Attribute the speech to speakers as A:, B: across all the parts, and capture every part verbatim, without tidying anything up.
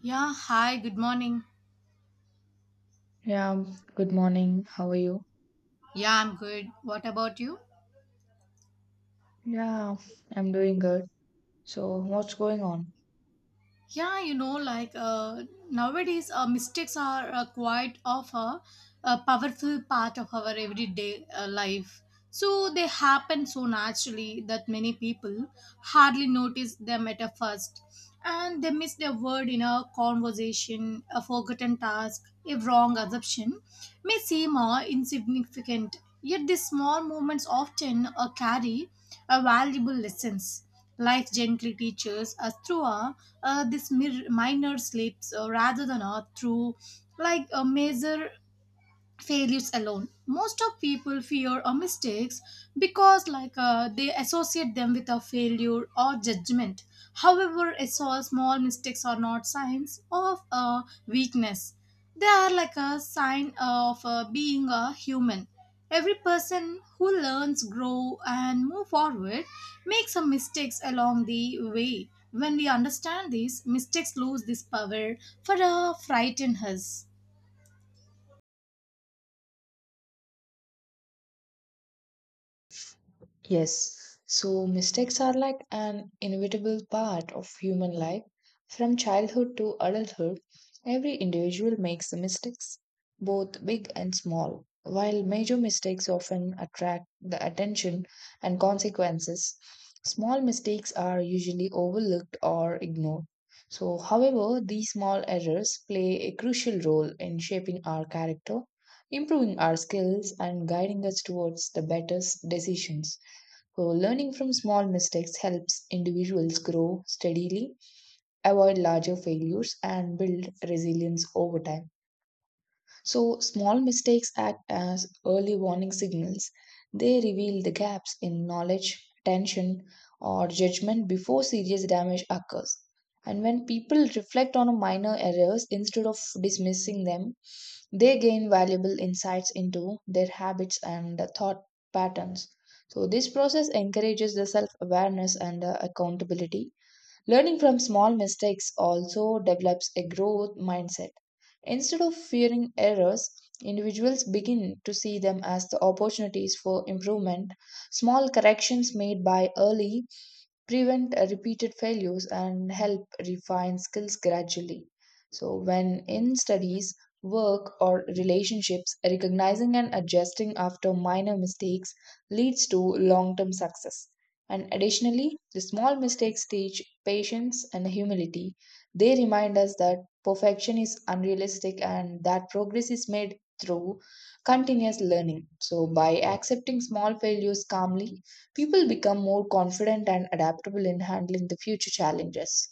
A: Yeah, hi, good morning.
B: Yeah, good morning. How are you?
A: Yeah, I'm good. What about you?
B: Yeah, I'm doing good. So, what's going on?
A: Yeah you know like uh, Nowadays uh, mistakes are uh, quite of a, a powerful part of our everyday uh, life, so they happen so naturally that many people hardly notice them at a first, and they miss their word in a conversation, a forgotten task, a wrong assumption may seem uh, insignificant, yet these small moments often uh, carry a valuable lessons. Life gently teaches us through a uh, this mir- minor slips, uh, rather than a through like a major failures alone. Most of people fear or mistakes because like uh, they associate them with a failure or judgment. However, it's all small mistakes are not signs of uh, weakness. They are like a sign of uh, being a human. Every person who learns grow and move forward makes some mistakes along the way. When we understand this, mistakes lose this power for uh, frighten us.
B: Yes, so mistakes are like an inevitable part of human life. From childhood to adulthood, every individual makes mistakes, both big and small. While major mistakes often attract the attention and consequences, small mistakes are usually overlooked or ignored. So, however, these small errors play a crucial role in shaping our character, improving our skills, and guiding us towards the better s- decisions. So, learning from small mistakes helps individuals grow steadily, avoid larger failures, and build resilience over time. So, small mistakes act as early warning signals. They reveal the gaps in knowledge, attention, or judgment before serious damage occurs. And when people reflect on minor errors instead of dismissing them, they gain valuable insights into their habits and thought patterns. So, this process encourages the self awareness and uh, accountability. Learning from small mistakes also develops a growth mindset. Instead of fearing errors, individuals begin to see them as the opportunities for improvement. Small corrections made by early prevent uh, repeated failures and help refine skills gradually. So, when in studies, work, or relationships, recognizing and adjusting after minor mistakes leads to long term success. And additionally, the small mistakes teach patience and humility. They remind us that perfection is unrealistic and that progress is made through continuous learning. So, by accepting small failures calmly, people become more confident and adaptable in handling the future challenges.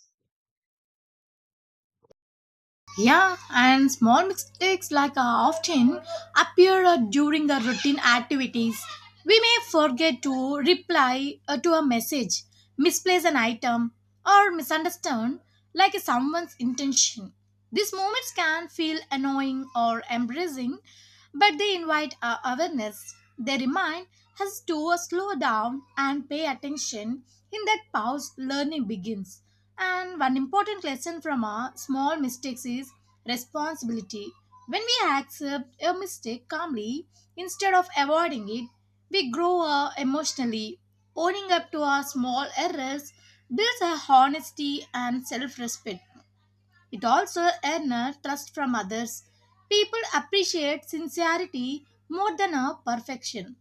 A: Yeah, and small mistakes like uh, often appear uh, during the routine activities. We may forget to reply uh, to a message, misplace an item, or misunderstand like someone's intention. These moments can feel annoying or embarrassing, but they invite our awareness. They remind us to slow down and pay attention. In that pause, learning begins. And one important lesson from our small mistakes is responsibility. When we accept a mistake calmly instead of avoiding it, we grow up emotionally. Owning up to our small errors builds a honesty and self respect. It also earns trust from others. People appreciate sincerity more than a perfection.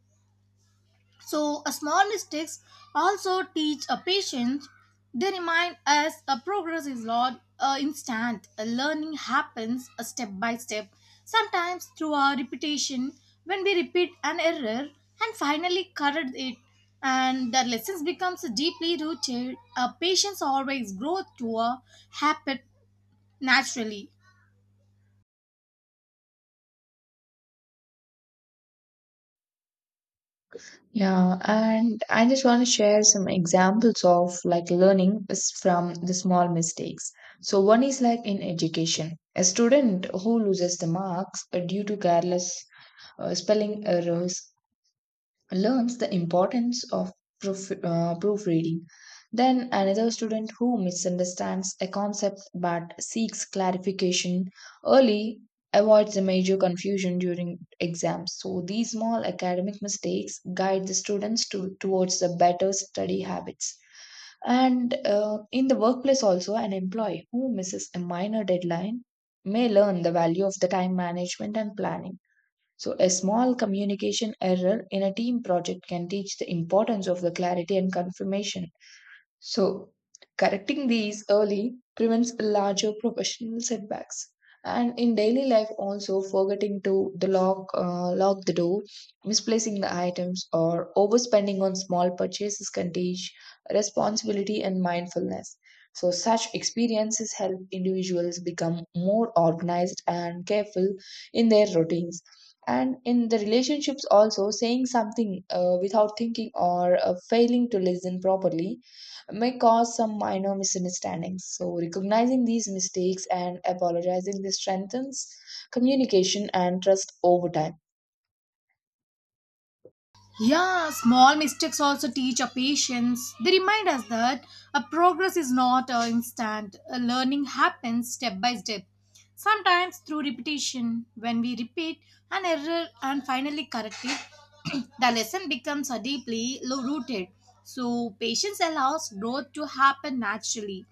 A: So, a small mistakes also teach a patience. They remind us a progress is not uh, instant. A learning happens a step by step, sometimes through our repetition. When we repeat an error and finally correct it, and the lessons becomes deeply rooted. A patience always grows to a habit naturally.
B: Yeah, and I just want to share some examples of like learning is from the small mistakes. So one is like in education, a student who loses the marks uh, due to careless uh, spelling errors learns the importance of proof, uh, proofreading. Then another student who misunderstands a concept but seeks clarification early avoids the major confusion during exams. So these small academic mistakes guide the students to, towards the better study habits. And uh, in the workplace, also, an employee who misses a minor deadline may learn the value of the time management and planning. So, a small communication error in a team project can teach the importance of the clarity and confirmation. So, correcting these early prevents larger professional setbacks. And in daily life, also forgetting to the lock, uh, lock the door, misplacing the items, or overspending on small purchases can teach responsibility and mindfulness. So, such experiences help individuals become more organized and careful in their routines. And in the relationships, also saying something uh, without thinking or uh, failing to listen properly may cause some minor misunderstandings. So, recognizing these mistakes and apologizing this strengthens communication and trust over time.
A: Yeah, small mistakes also teach our patience. They remind us that a progress is not uh, instant. A learning happens step by step. Sometimes through repetition, when we repeat an error and finally correct it, the lesson becomes uh, deeply lo- rooted. So, patience allows growth to happen naturally.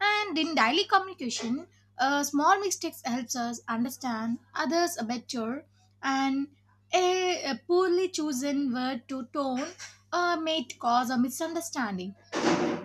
A: And in daily communication, uh, small mistakes helps us understand others better, and a, a poorly chosen word to tone uh, may cause a misunderstanding.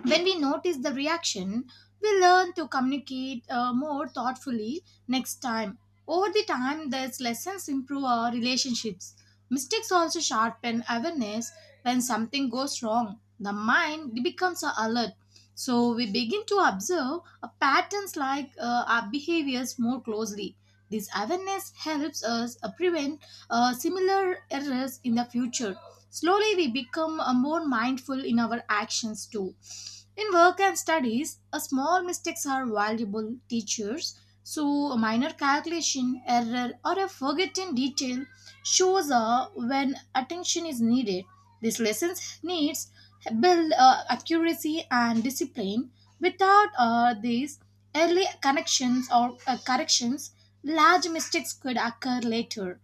A: When we notice the reaction, we learn to communicate uh, more thoughtfully next time. Over the time, these lessons improve our relationships. Mistakes also sharpen awareness when something goes wrong. The mind becomes alert. So we begin to observe uh, patterns like uh, our behaviors more closely. This awareness helps us uh, prevent uh, similar errors in the future. Slowly, we become uh, more mindful in our actions too. In work and studies, a small mistakes are valuable teachers. So, a minor calculation, error, or a forgotten detail shows uh, when attention is needed. This lessons needs build uh, accuracy and discipline. Without uh, these early connections or uh, corrections, large mistakes could occur later.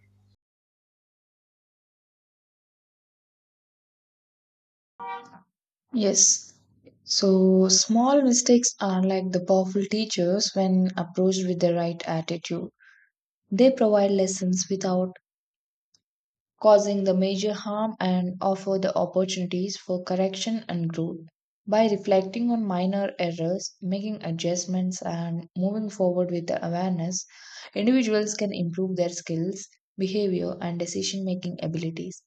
B: Yes. So, small mistakes are like the powerful teachers when approached with the right attitude. They provide lessons without causing the major harm and offer the opportunities for correction and growth. By reflecting on minor errors, making adjustments, and moving forward with the awareness, individuals can improve their skills, behavior, and decision making abilities.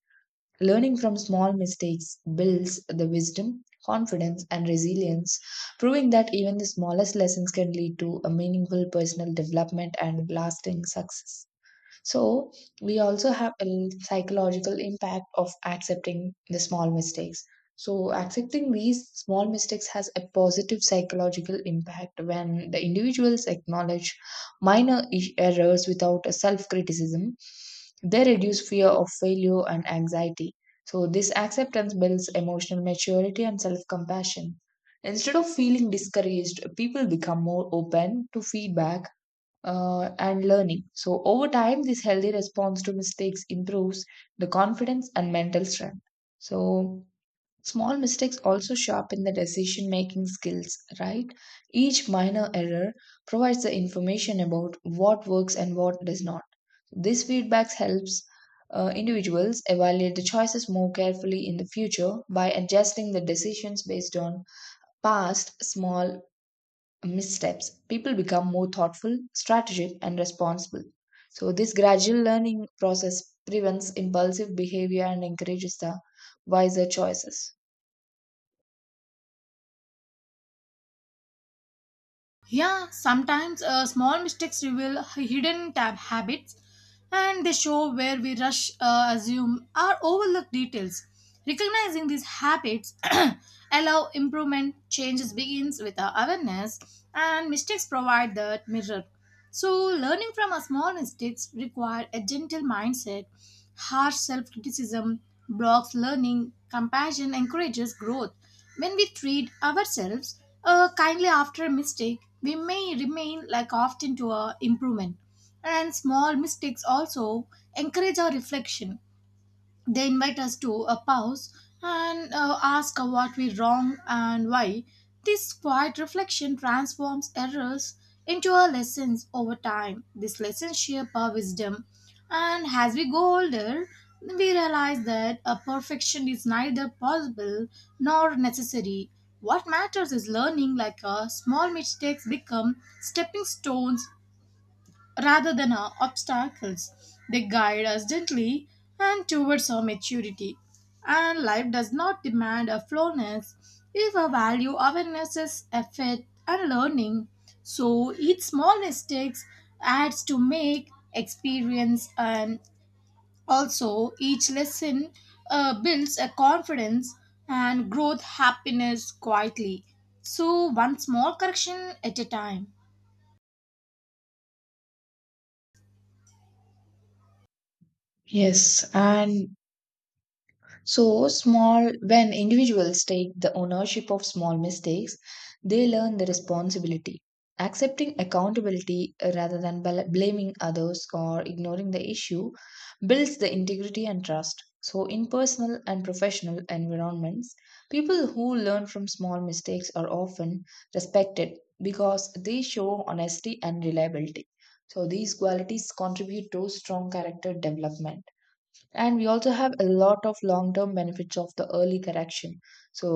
B: Learning from small mistakes builds the wisdom, confidence, and resilience, proving that even the smallest lessons can lead to a meaningful personal development and lasting success. So we also have a psychological impact of accepting the small mistakes. So accepting these small mistakes has a positive psychological impact when the individuals acknowledge minor i- errors without a self-criticism. They reduce fear of failure and anxiety. So this acceptance builds emotional maturity and self-compassion. Instead of feeling discouraged, people become more open to feedback uh, and learning. So, over time, this healthy response to mistakes improves the confidence and mental strength. So, small mistakes also sharpen the decision making skills, right? Each minor error provides the information about what works and what does not. This feedback helps uh, individuals evaluate the choices more carefully in the future by adjusting the decisions based on past small missteps, people become more thoughtful, strategic, and responsible. So, this gradual learning process prevents impulsive behavior and encourages the wiser choices.
A: Yeah, sometimes uh, small mistakes reveal hidden tab habits, and they show where we rush, uh, assume, or overlook details. Recognizing these habits allow improvement. Changes begins with our awareness, and mistakes provide the mirror. So learning from our small mistakes require a gentle mindset. Harsh self-criticism blocks learning. Compassion encourages growth. When we treat ourselves uh, kindly after a mistake, we may remain like often to our improvement. And small mistakes also encourage our reflection. They invite us to a pause and uh, ask uh, what we wrong and why. This quiet reflection transforms errors into our lessons over time. These lessons shape our wisdom. And as we go older, we realize that a perfection is neither possible nor necessary. What matters is learning like a small mistakes become stepping stones rather than our obstacles. They guide us gently and towards our maturity. And life does not demand a flawlessness if our value awareness is effort and learning. So each small mistakes adds to make experience, and also each lesson uh, builds a confidence and growth happiness quietly. So one small correction at a time.
B: Yes, and so small when individuals take the ownership of small mistakes, they learn the responsibility. Accepting accountability uh, rather than bl- blaming others or ignoring the issue builds the integrity and trust. So in personal and professional environments, people who learn from small mistakes are often respected because they show honesty and reliability. So these qualities contribute to strong character development, and we also have a lot of long term benefits of the early correction. So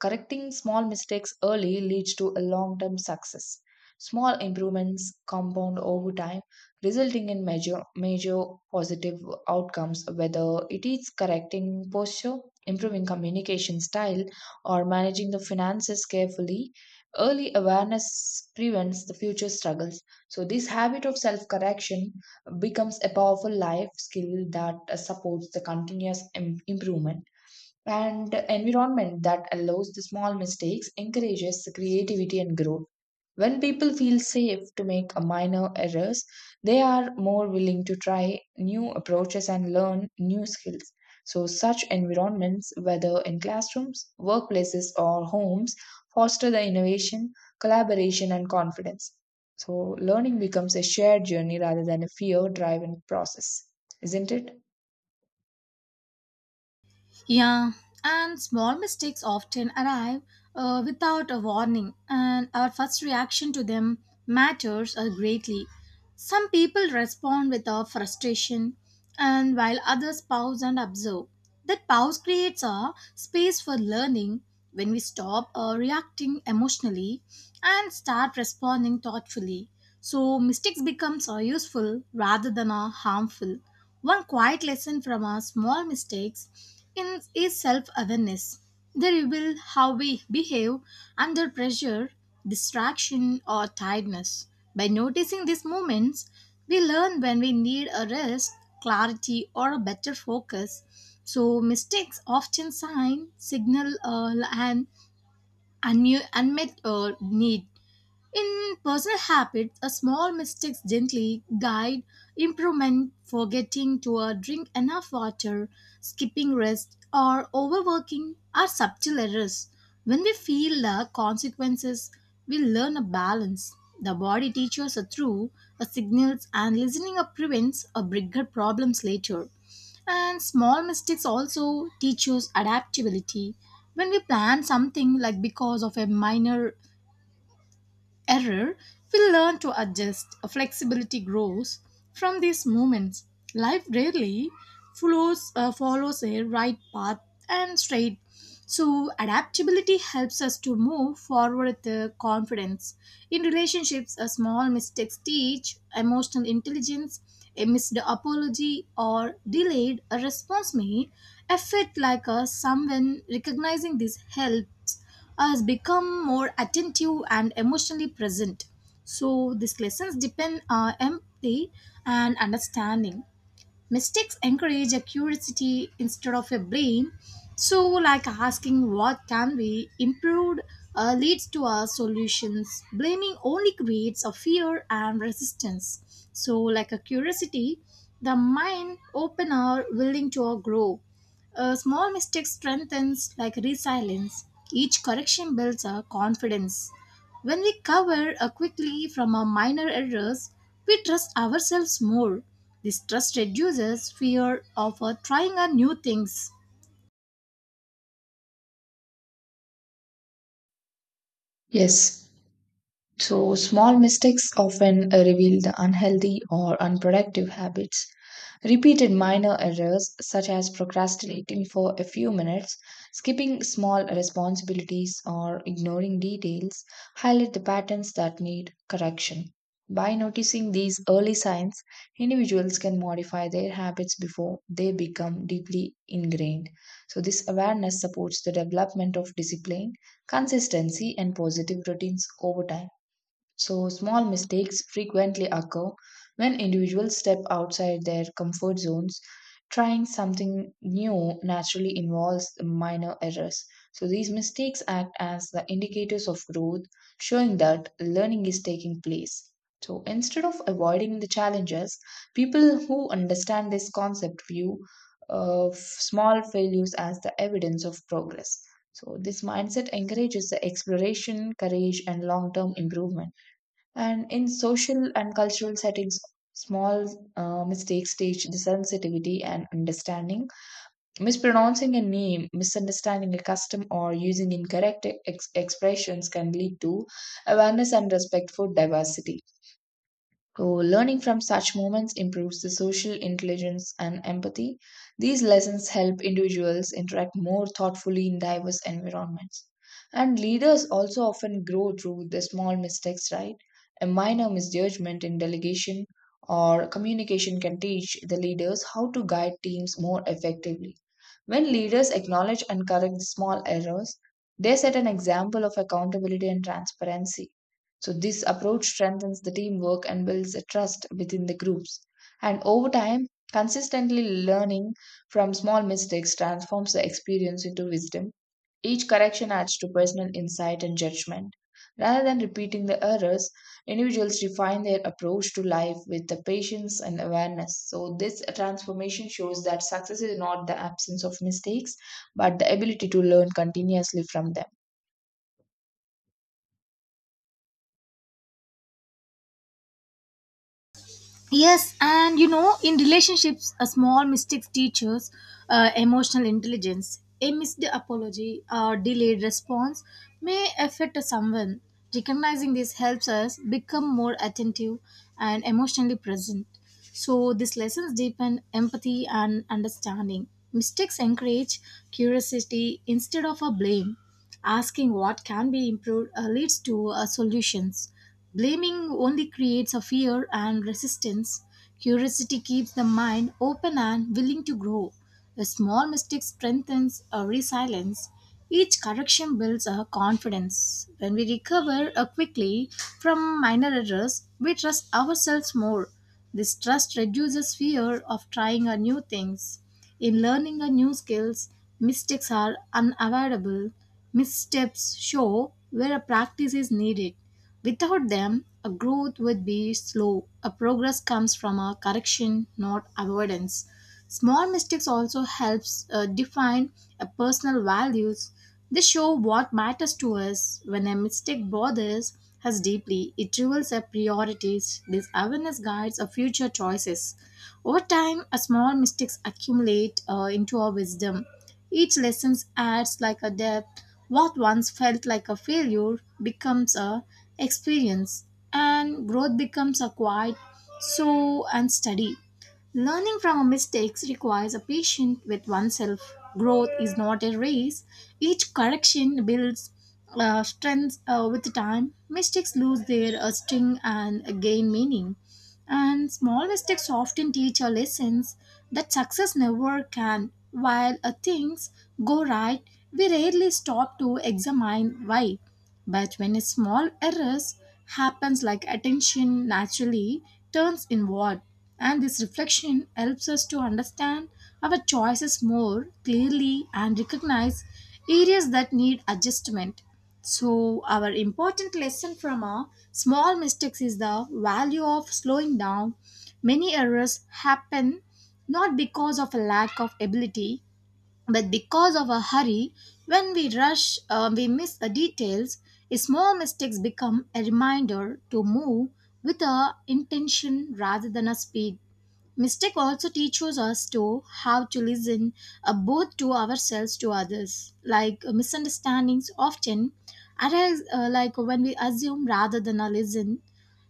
B: correcting small mistakes early leads to a long term success. Small improvements compound over time, resulting in major major positive outcomes, whether it is correcting posture, improving communication style, or managing the finances carefully. Early awareness prevents the future struggles. So this habit of self correction becomes a powerful life skill that uh, supports the continuous im- improvement, and environment that allows the small mistakes encourages the creativity and growth. When people feel safe to make a minor errors, they are more willing to try new approaches and learn new skills. So, such environments, whether in classrooms, workplaces, or homes, foster the innovation, collaboration, and confidence. So, learning becomes a shared journey rather than a fear driven process, isn't it?
A: Yeah, and small mistakes often arrive uh, without a warning, and our first reaction to them matters uh, greatly. Some people respond with a frustration, and while others pause and observe. That pause creates a space for learning when we stop uh, reacting emotionally and start responding thoughtfully. So mistakes becomes uh, useful rather than uh, harmful. One quiet lesson from our small mistakes in, is self-awareness. They reveal how we behave under pressure, distraction, or tiredness. By noticing these moments, we learn when we need a rest, clarity, or a better focus. So, mistakes often sign, signal, uh, an unmu- unmet uh, need. In personal habits, a small mistakes gently guide improvement, forgetting to uh, drink enough water, skipping rest, or overworking are subtle errors. When we feel the consequences, we learn a balance. The body teaches us through a signals, and listening up prevents a bigger problems later. And small mistakes also teach us adaptability. When we plan something like because of a minor error, we learn to adjust. Flexibility grows from these moments. Life rarely follows, uh, follows a right path and straight. So, adaptability helps us to move forward with the confidence. In relationships, a small mistakes teach emotional intelligence. A missed apology or delayed response may affect like us. Someone recognizing this helps has become more attentive and emotionally present. So these lessons depend on empathy and understanding. Mistakes encourage a curiosity instead of a blame. So, like asking what can be improved uh, leads to our solutions. Blaming only creates a fear and resistance. So, like a curiosity, the mind open or willing to grow. A small mistake strengthens like resilience. Each correction builds our confidence. When we cover uh, quickly from our minor errors, we trust ourselves more. This trust reduces fear of uh, trying uh, new things.
B: Yes. So, small mistakes often reveal the unhealthy or unproductive habits. Repeated minor errors, such as procrastinating for a few minutes, skipping small responsibilities, or ignoring details, highlight the patterns that need correction. By noticing these early signs, individuals can modify their habits before they become deeply ingrained. So, this awareness supports the development of discipline, consistency, and positive routines over time. So, small mistakes frequently occur when individuals step outside their comfort zones. Trying something new naturally involves minor errors. So, these mistakes act as the indicators of growth, showing that learning is taking place. So, instead of avoiding the challenges, people who understand this concept view of small failures as the evidence of progress. So, this mindset encourages the exploration, courage, and long term improvement. And in social and cultural settings, small uh, mistakes teach the sensitivity and understanding. Mispronouncing a name, misunderstanding a custom, or using incorrect ex- expressions can lead to awareness and respect for diversity. So, learning from such moments improves the social intelligence and empathy. These lessons help individuals interact more thoughtfully in diverse environments. And leaders also often grow through the small mistakes, right? A minor misjudgment in delegation or communication can teach the leaders how to guide teams more effectively. When leaders acknowledge and correct small errors, they set an example of accountability and transparency. So this approach strengthens the teamwork and builds a trust within the groups. And over time, consistently learning from small mistakes transforms the experience into wisdom. Each correction adds to personal insight and judgment. Rather than repeating the errors, individuals refine their approach to life with the patience and awareness. So, this transformation shows that success is not the absence of mistakes, but the ability to learn continuously from them.
A: Yes, and you know, in relationships, a small mistakes teaches uh, emotional intelligence. A missed apology or delayed response may affect someone. Recognizing this helps us become more attentive and emotionally present. So, these lessons deepen empathy and understanding. Mistakes encourage curiosity instead of a blame. Asking what can be improved uh, leads to uh, solutions. Blaming only creates a fear and resistance. Curiosity keeps the mind open and willing to grow. A small mistake strengthens a resilience. Each correction builds a confidence. When we recover uh, quickly from minor errors, we trust ourselves more. This trust reduces fear of trying a new things. In learning a new skills, mistakes are unavoidable. Missteps show where a practice is needed. Without them, a growth would be slow. A progress comes from a correction, not avoidance. Small mistakes also helps uh, define a personal values. They show what matters to us. When a mistake bothers us deeply, it reveals our priorities. This awareness guides our future choices. Over time, a small mistakes accumulate uh, into our wisdom. Each lesson adds like a depth. What once felt like a failure becomes a experience, and growth becomes a quiet, slow, and steady. Learning from our mistakes requires a patience with oneself. Growth is not a race. Each correction builds uh, strength uh, with time. Mistakes lose their uh, sting and gain meaning. And small mistakes often teach us lessons that success never can. While uh, things go right, we rarely stop to examine why. But when a small errors happens like attention naturally turns inward, and this reflection helps us to understand our choices more clearly and recognize areas that need adjustment. So, our important lesson from our small mistakes is the value of slowing down. Many errors happen not because of a lack of ability, but because of a hurry. When we rush, uh, we miss the details. Small mistakes become a reminder to move with a intention rather than a speed. Mistake also teaches us to how to listen uh, both to ourselves to others. Like uh, misunderstandings often arise uh, like when we assume rather than uh, listen.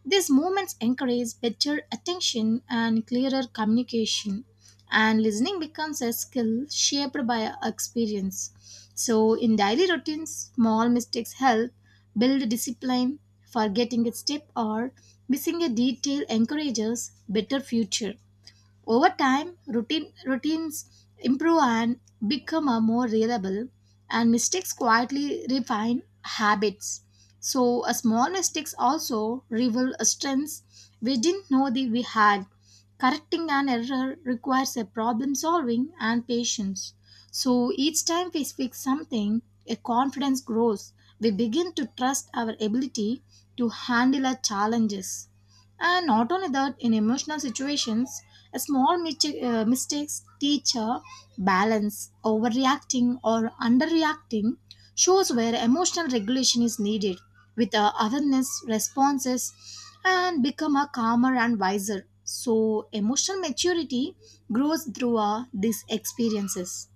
A: These movements encourage better attention and clearer communication, and listening becomes a skill shaped by experience. So, in daily routines, small mistakes help build discipline. Forgetting a step or missing a detail encourages better future. Over time, routine, routines improve and become a more reliable, and mistakes quietly refine habits. So, a small mistakes also reveal strengths we didn't know that we had. Correcting an error requires a problem solving and patience. So, each time we fix something, a confidence grows. We begin to trust our ability to handle our challenges. And not only that, in emotional situations, a small mistake, uh, mistakes teach a balance, overreacting or underreacting shows where emotional regulation is needed with uh, awareness, responses, and become a calmer and wiser. So, emotional maturity grows through uh, these experiences.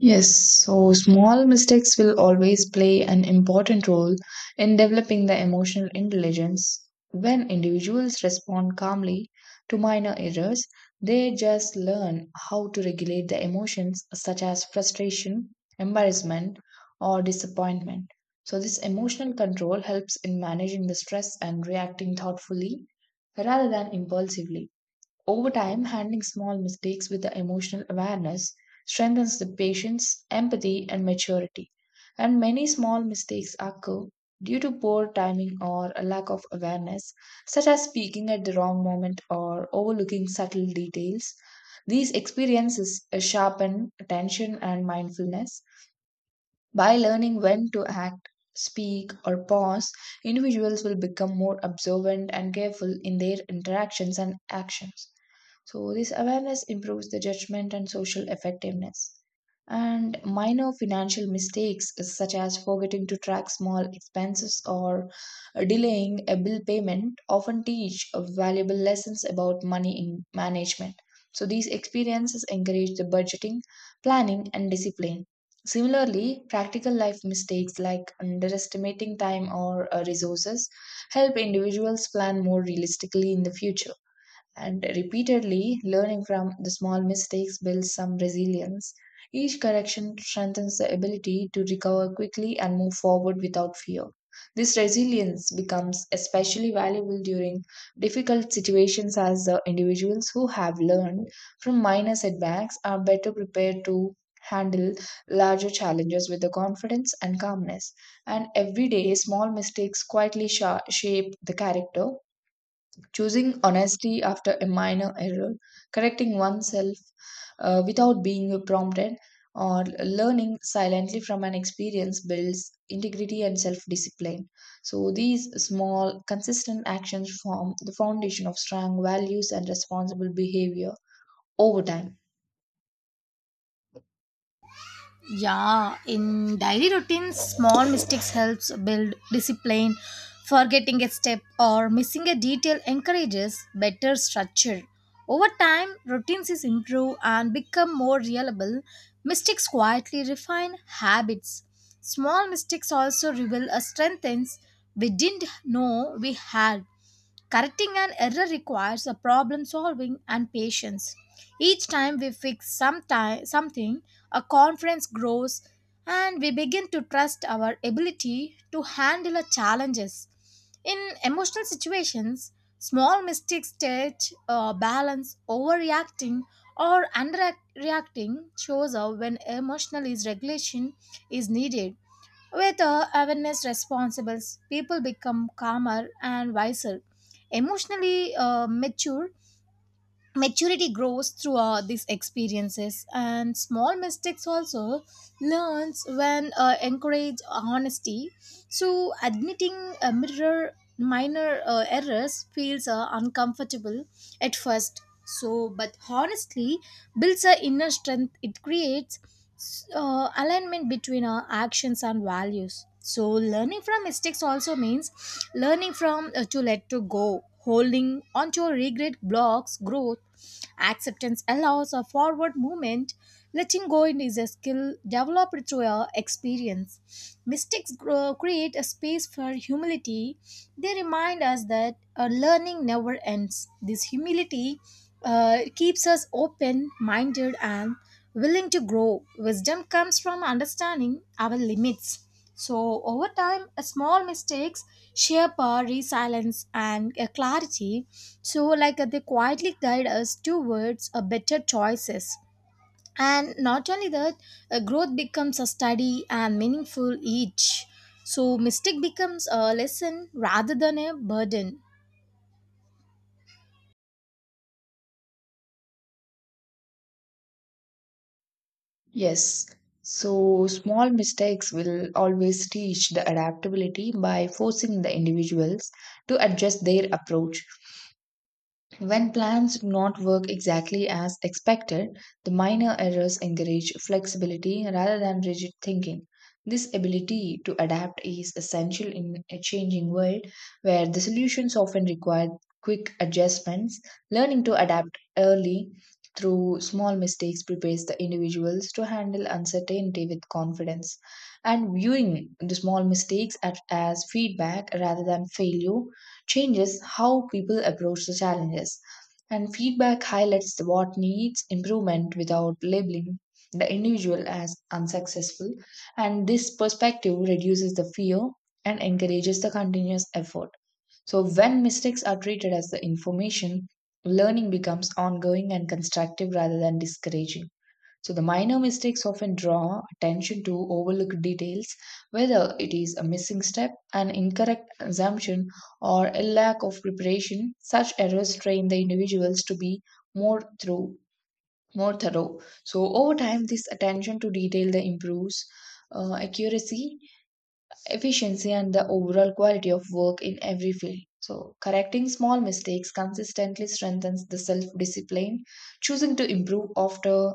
B: Yes, so small mistakes will always play an important role in developing the emotional intelligence. When individuals respond calmly to minor errors, they just learn how to regulate the emotions such as frustration, embarrassment, or disappointment. So, this emotional control helps in managing the stress and reacting thoughtfully rather than impulsively. Over time, handling small mistakes with the emotional awareness strengthens the patience, empathy, and maturity. And many small mistakes occur due to poor timing or a lack of awareness, such as speaking at the wrong moment or overlooking subtle details. These experiences uh, sharpen attention and mindfulness, by learning when to act, speak, or pause, individuals will become more observant and careful in their interactions and actions. So, this awareness improves the judgment and social effectiveness. And minor financial mistakes, such as forgetting to track small expenses or delaying a bill payment, often teach valuable lessons about money in management. So, these experiences encourage the budgeting, planning, and discipline. Similarly, practical life mistakes like underestimating time or uh, resources help individuals plan more realistically in the future, and repeatedly learning from the small mistakes builds some resilience. Each correction strengthens the ability to recover quickly and move forward without fear. This resilience becomes especially valuable during difficult situations, as the individuals who have learned from minor setbacks are better prepared to handle larger challenges with the confidence and calmness. And every day, small mistakes quietly sha- shape the character, choosing honesty after a minor error, correcting oneself uh, without being prompted, or learning silently from an experience builds integrity and self discipline. So, these small, consistent actions form the foundation of strong values and responsible behavior over time.
A: Yeah, in daily routines, small mistakes helps build discipline. Forgetting a step or missing a detail encourages better structure. Over time, routines is improve and become more reliable. Mistakes quietly refine habits. Small mistakes also reveal a strengths we didn't know we had. Correcting an error requires a problem solving and patience. Each time we fix some ti- something, a confidence grows, and we begin to trust our ability to handle our challenges. In emotional situations, small mistakes teach uh, balance, overreacting or underreacting shows up when emotional is regulation is needed. With uh, awareness responsible, people become calmer and wiser. Emotionally uh, mature, Maturity grows through uh, these experiences, and small mistakes also learns when uh, encourage honesty. So admitting a mirror minor uh, errors feels uh, uncomfortable at first. So, but honestly, builds a inner strength. It creates uh, alignment between our actions and values. So, learning from mistakes also means learning from uh, to let to go, holding onto regret blocks growth, acceptance allows a forward movement. Letting go is a skill developed through our experience. Mistakes grow, create a space for humility. They remind us that uh, learning never ends. This humility uh, keeps us open minded and willing to grow. Wisdom comes from understanding our limits. So, over time, uh, small mistakes shape our resilience and uh, clarity. So, like uh, they quietly guide us towards uh, better choices. And not only that, uh, growth becomes a steady and meaningful each. So, mistake becomes a lesson rather than a burden.
B: Yes. So, small mistakes will always teach the adaptability by forcing the individuals to adjust their approach. When plans do not work exactly as expected, the minor errors encourage flexibility rather than rigid thinking. This ability to adapt is essential in a changing world where the solutions often require quick adjustments. Learning to adapt early through small mistakes prepares the individuals to handle uncertainty with confidence. And viewing the small mistakes at- as feedback rather than failure changes how people approach the challenges. And feedback highlights the what needs improvement without labeling the individual as unsuccessful. And this perspective reduces the fear and encourages the continuous effort. So, when mistakes are treated as the information, learning becomes ongoing and constructive rather than discouraging. So the minor mistakes often draw attention to overlooked details, whether it is a missing step, an incorrect assumption, or a lack of preparation. Such errors train the individuals to be more through more thorough. So over time, this attention to detail the improves uh, accuracy, efficiency, and the overall quality of work in every field. So, correcting small mistakes consistently strengthens the self discipline. Choosing to improve after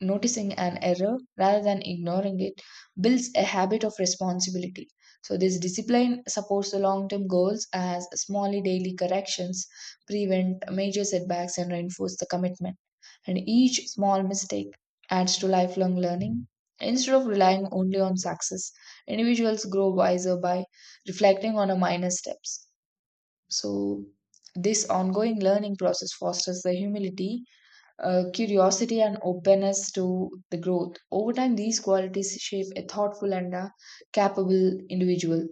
B: noticing an error rather than ignoring it builds a habit of responsibility. So, this discipline supports the long term goals, as small daily corrections prevent major setbacks and reinforce the commitment, and each small mistake adds to lifelong learning. Instead of relying only on success, individuals grow wiser by reflecting on a minor steps. So, this ongoing learning process fosters the humility, uh, curiosity, and openness to the growth. Over time, these qualities shape a thoughtful and a capable individual.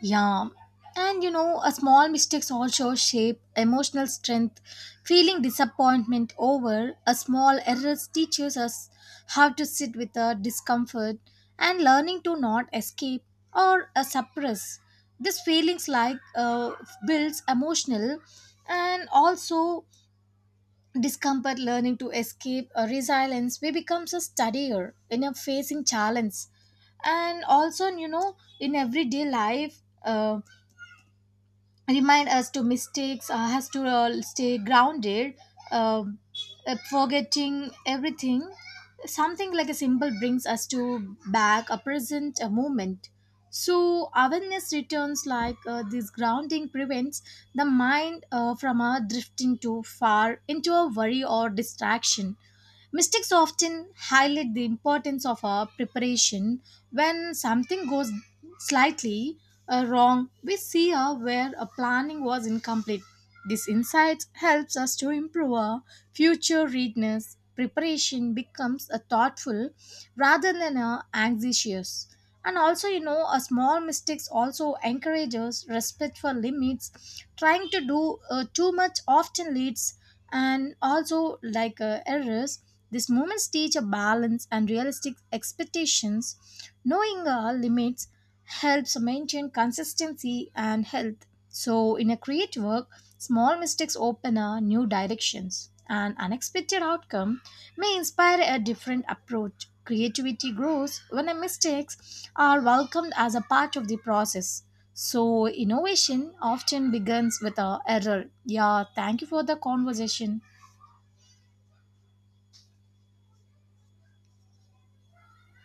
A: Yeah. And you know, a small mistakes also shape emotional strength. Feeling disappointment over a small errors teaches us how to sit with the discomfort, and learning to not escape or uh, suppress. These feelings like uh, builds emotional, and also discomfort learning to escape or resilience we becomes a studier in a facing challenge. And also, you know, in everyday life, uh, remind us to mistakes uh, has to uh, stay grounded, uh, uh, forgetting everything, something like a symbol brings us to back a present a moment. So awareness returns, like uh, this grounding prevents the mind uh, from uh, drifting too far into a worry or distraction. Mistakes often highlight the importance of our preparation. When something goes slightly uh, wrong, we see uh, where a planning was incomplete. This insight helps us to improve our future readiness. Preparation becomes a thoughtful rather than a anxious. And also, you know, a small mistakes also encourages respect for limits. Trying to do uh, too much often leads and also like uh, errors. These moments teach a balance and realistic expectations. Knowing our limits helps maintain consistency and health. So, in a creative work, small mistakes open a new directions. An unexpected outcome may inspire a different approach. Creativity grows when a mistakes are welcomed as a part of the process. So, innovation often begins with a error. Yeah, thank you for the conversation.